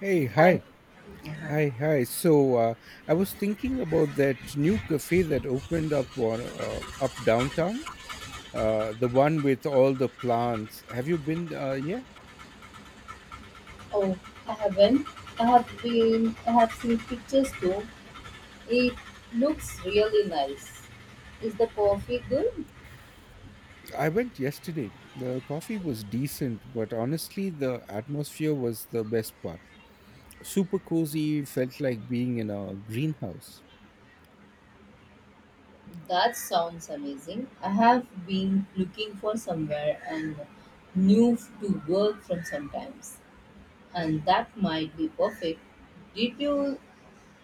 Hey, I hi, hi, hi. I was thinking about that new cafe that opened up on up downtown, the one with all the plants. Have you been? Yeah, oh I haven't. I have seen pictures too. It looks really nice. Is the coffee good? I went yesterday. The coffee was decent, but honestly, the atmosphere was the best part. Super cozy, felt like being in a greenhouse. That sounds amazing. I have been looking for somewhere and new to work from sometimes, and that might be perfect. Did you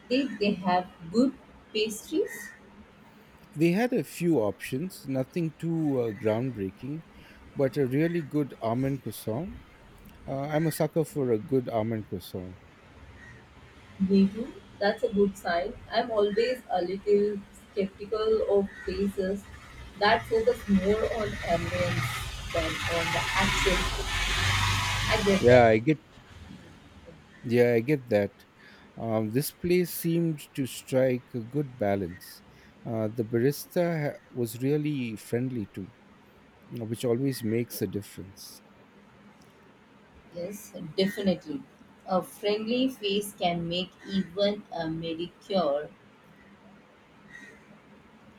did they have good pastries? They had a few options, nothing too groundbreaking, but a really good almond croissant. I'm a sucker for a good almond croissant. Me too. That's a good sign. I'm always a little skeptical of places that focus more on ambience than on the actual food. I get Yeah, that. I get. Yeah, I get that. This place seemed to strike a good balance. The was really friendly too, which always makes a difference. Yes, definitely. A friendly face can make even a mediocre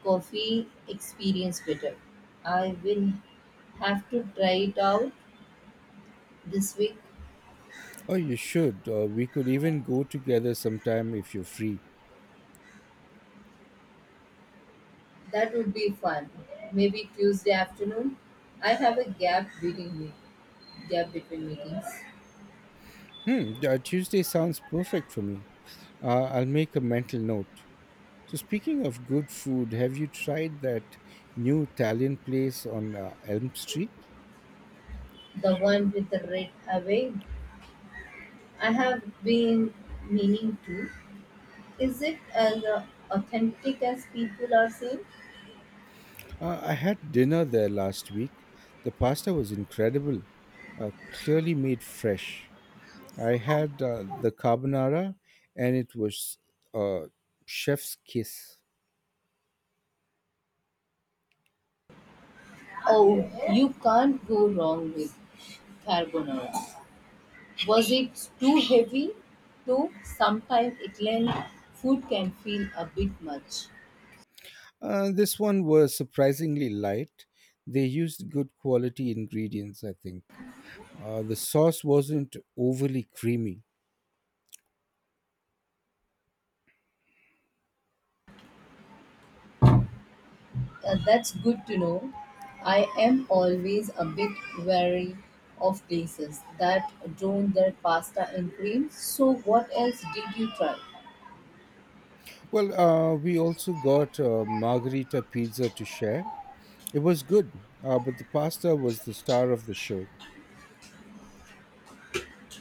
coffee experience better. I will have to try it out this week. Oh, you should. We could even go together sometime if you're free. That would be fun. Maybe Tuesday afternoon. I have a gap waiting me. Yeah, between meetings. Hmm, Tuesday sounds perfect for me. I'll make a mental note. So, speaking of good food, have you tried that new Italian place on Elm Street? The one with the red away. I have been meaning to. Is it as authentic as people are saying? I had dinner there last week. The pasta was incredible, clearly made fresh. I had the carbonara, and it was uh, chef's kiss. Oh, you can't go wrong with carbonara. Was it too heavy? Though sometimes Italian food can feel a bit much. This one was surprisingly light. They used good quality ingredients, I think. The sauce wasn't overly creamy. That's good to know. I am always a bit wary of places that don't their pasta and cream. So, what else did you try? Well, we also got margarita pizza to share. It was good, but the pasta was the star of the show.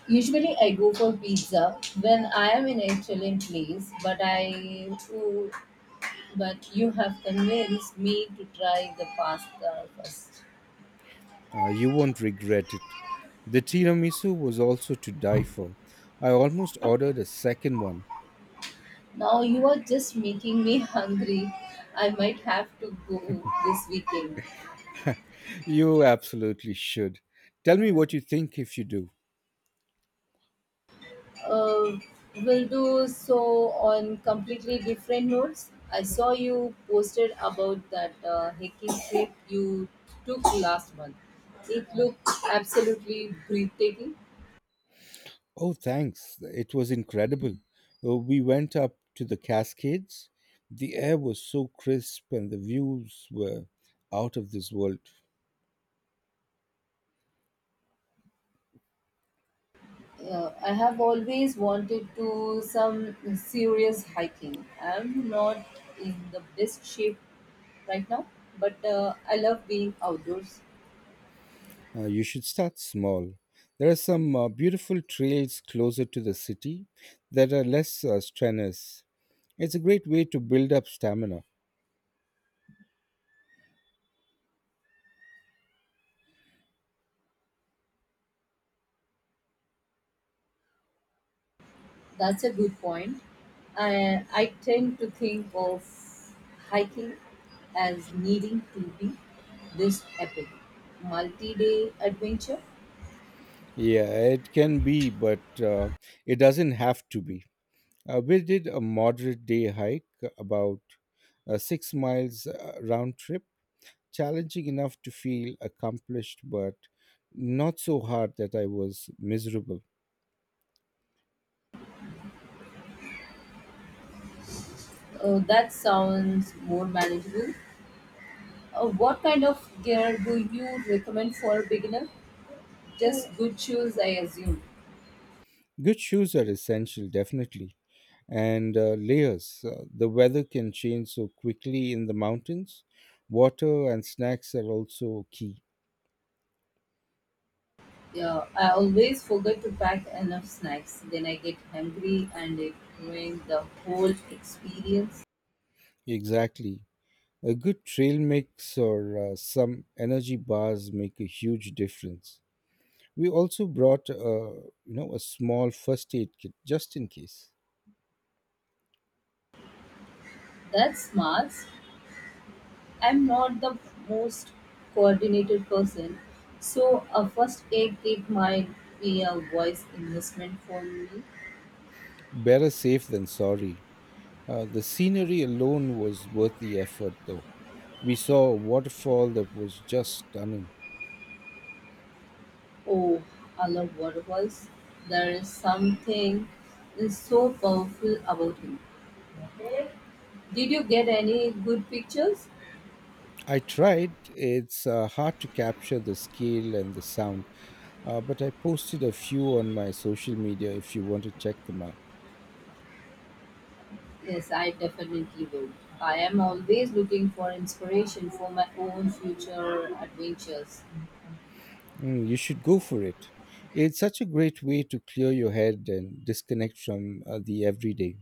Usually, I go for pizza when I am in an Italian place, but but you have convinced me to try the pasta first. You won't regret it. The tiramisu was also to die for. I almost ordered a second one. Now you are just making me hungry. I might have to go this weekend. You absolutely should. Tell me what you think if you do. uh, will do so on completely different notes. I saw you posted about that hiking trip you took last month. It looked absolutely breathtaking. Oh, thanks. It was incredible. We went up to the Cascades. The air was so crisp and the views were out of this world. I have always wanted to some serious hiking. I'm not in the best shape right now, but I love being outdoors. You should start small. There are some beautiful trails closer to the city that are less strenuous. It's a great way to build up stamina. That's a good point. I tend to think of hiking as needing to be this epic multi day adventure. Yeah, it can be, but it doesn't have to be. We did a moderate day hike, about 6 miles round trip, challenging enough to feel accomplished, but not so hard that I was miserable. That sounds more manageable. What kind of gear do you recommend for a beginner? Just good shoes, I assume. Good shoes are essential, definitely. And layers. The weather can change so quickly in the mountains. Water and snacks are also key. Yeah, I always forget to pack enough snacks. Then I get hungry and it ruins the whole experience. Exactly. A good trail mix or some energy bars make a huge difference. We also brought a small first aid kit just in case. That's smart. I'm not the most coordinated person, so a first aid kit might be a wise investment for me. Better safe than sorry. The scenery alone was worth the effort, though. We saw a waterfall that was just stunning. Oh, I love waterfalls. There is something so powerful about him. Did you get any good pictures? I tried. It's hard to capture the scale and the sound, but I posted a few on my social media if you want to check them out. Yes, I definitely will. I am always looking for inspiration for my own future adventures. Mm, you should go for it. It's such a great way to clear your head and disconnect from the everyday.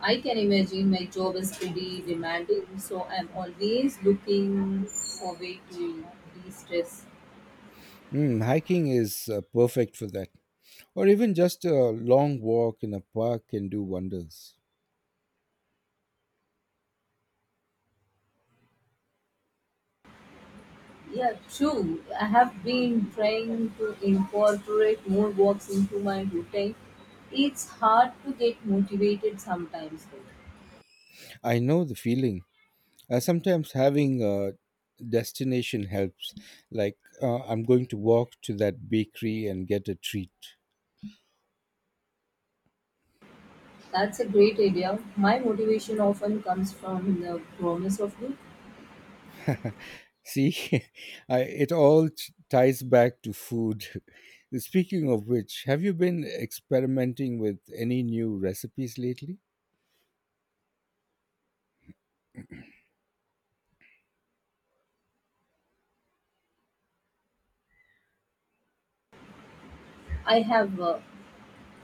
I can imagine my job is pretty demanding, so I'm always looking for way to de-stress. Mm, hiking is perfect for that. Or even just a long walk in a park can do wonders. Yeah, true. I have been trying to incorporate more walks into my routine. It's hard to get motivated sometimes, though. I know the feeling. Sometimes having a destination helps, like I'm going to walk to that bakery and get a treat. That's a great idea. My motivation often comes from the promise of good. See, I, it all t- ties back to food. Speaking of which, have you been experimenting with any new recipes lately? I have, uh,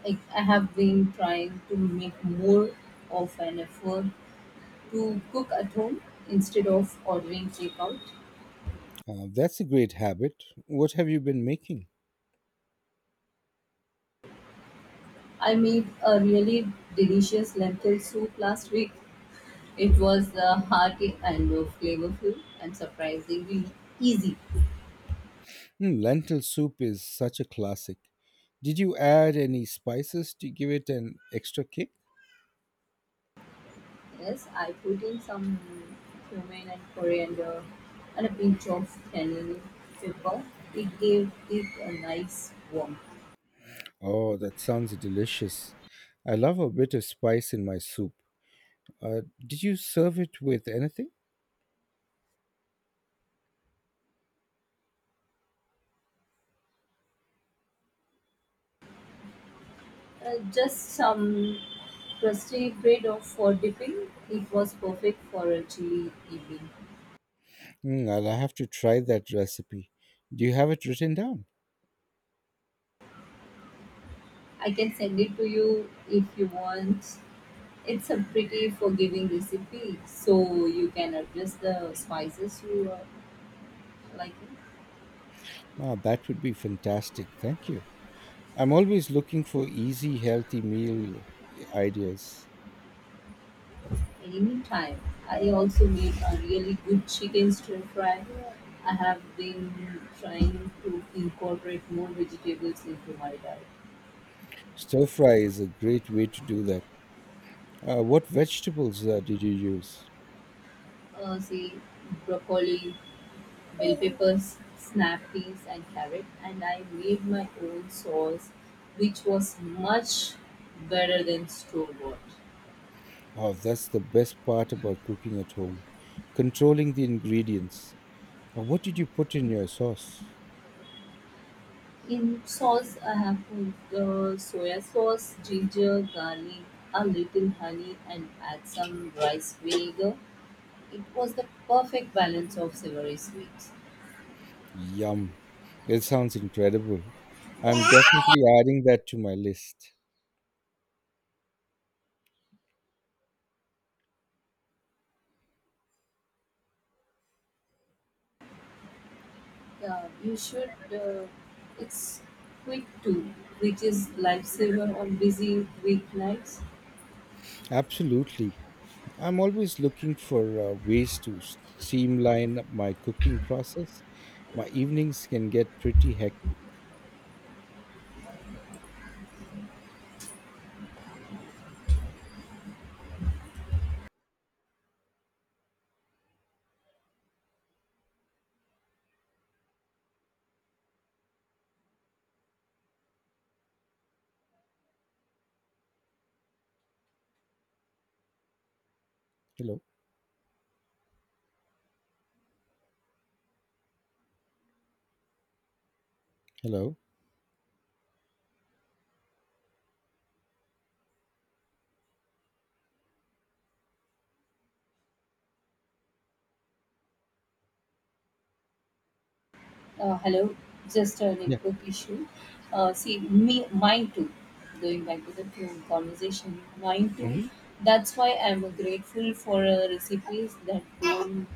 I, I have been trying to make more of an effort to cook at home instead of ordering takeout. That's a great habit. What have you been making? I made a really delicious lentil soup last week. It was hearty and flavorful and surprisingly easy. Hmm, lentil soup is such a classic. Did you add any spices to give it an extra kick? Yes, I put in some cumin and coriander and a pinch of cayenne pepper. It gave it a nice warmth. Oh, that sounds delicious. I love a bit of spice in my soup. Did you serve it with anything? Just some crusty bread of for dipping. It was perfect for a chilly evening. Mm, I'll have to try that recipe. Do you have it written down? I can send it to you if you want. It's a pretty forgiving recipe, so you can adjust the spices you are liking Ah, that would be fantastic. Thank you. I'm always looking for easy, healthy meal ideas. anytime. I also made a really good chicken stir fry. I have been trying to incorporate more vegetables into my diet. Stir fry is a great way to do that. What vegetables did you use? Say broccoli, bell peppers, snap peas, and carrot. And I made my own sauce, which was much better than store bought. Oh, that's the best part about cooking at home, controlling the ingredients. What did you put in your sauce? In sauce I have put soya sauce, ginger, garlic, a little honey and add some rice vinegar. It was the perfect balance of savory sweets. Yum. It sounds incredible. I'm definitely adding that to my list. Yeah, you should. It's quick too, which is lifesaver on busy weeknights. Absolutely. I'm always looking for ways to streamline my cooking process. My evenings can get pretty hectic. Hello. Hello. Hello, just a Yeah. network issue. See, me, mine too. Going back to the phone conversation, mine too. Hmm. That's why I'm grateful for recipes that don't.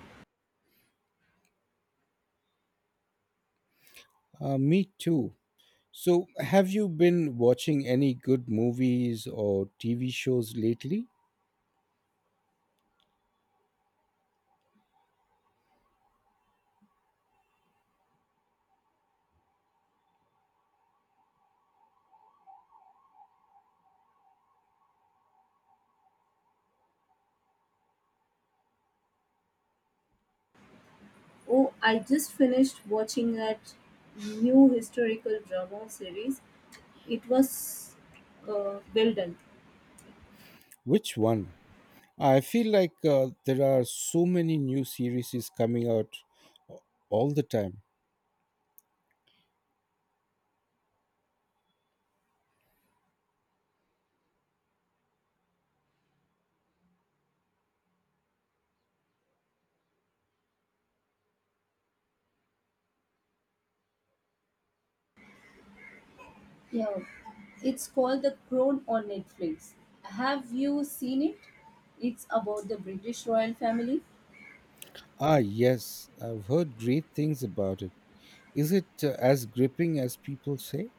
Me too. So, have you been watching any good movies or TV shows lately? Oh, I just finished watching that new historical drama series. It was well done. Which one? I feel like there are so many new series coming out all the time. Yeah, it's called The Crown on Netflix. Have you seen it? It's about the British royal family. Ah, yes, I've heard great things about it. Is it as gripping as people say?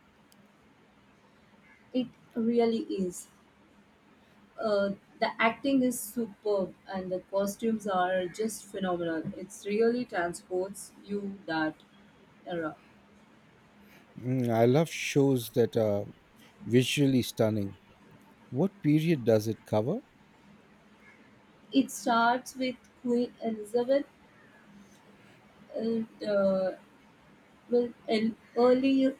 It really is. Uh, the acting is superb and the costumes are just phenomenal. It's really transports you that era. Mm, I love shows that are visually stunning. What period does it cover? It starts with Queen Elizabeth and will an early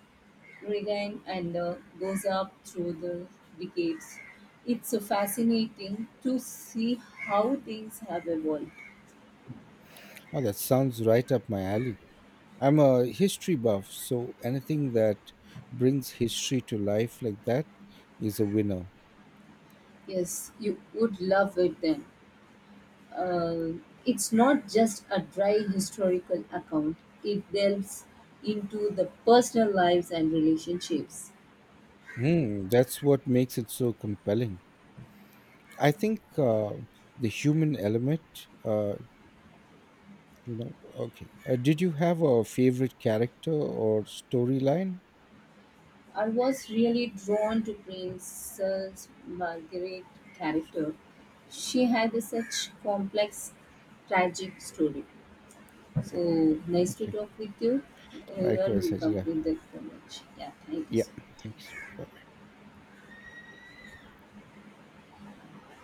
reign and goes up through the decades. It's fascinating to see how things have evolved. Oh, that sounds right up my alley. I'm a history buff, so anything that brings history to life like that is a winner. Yes, you would love it then. uh, it's not just a dry historical account. It delves into the personal lives and relationships. Hmm, that's what makes it so compelling. I think the human element, okay. Did you have a favorite character or storyline? I was really drawn to Princess Margaret character. She had a such complex, tragic story. So nice to Okay. talk with you. You are Likewise, welcome Hajira. with that so much. Yeah, thank you Yeah, so much. thanks. Bye.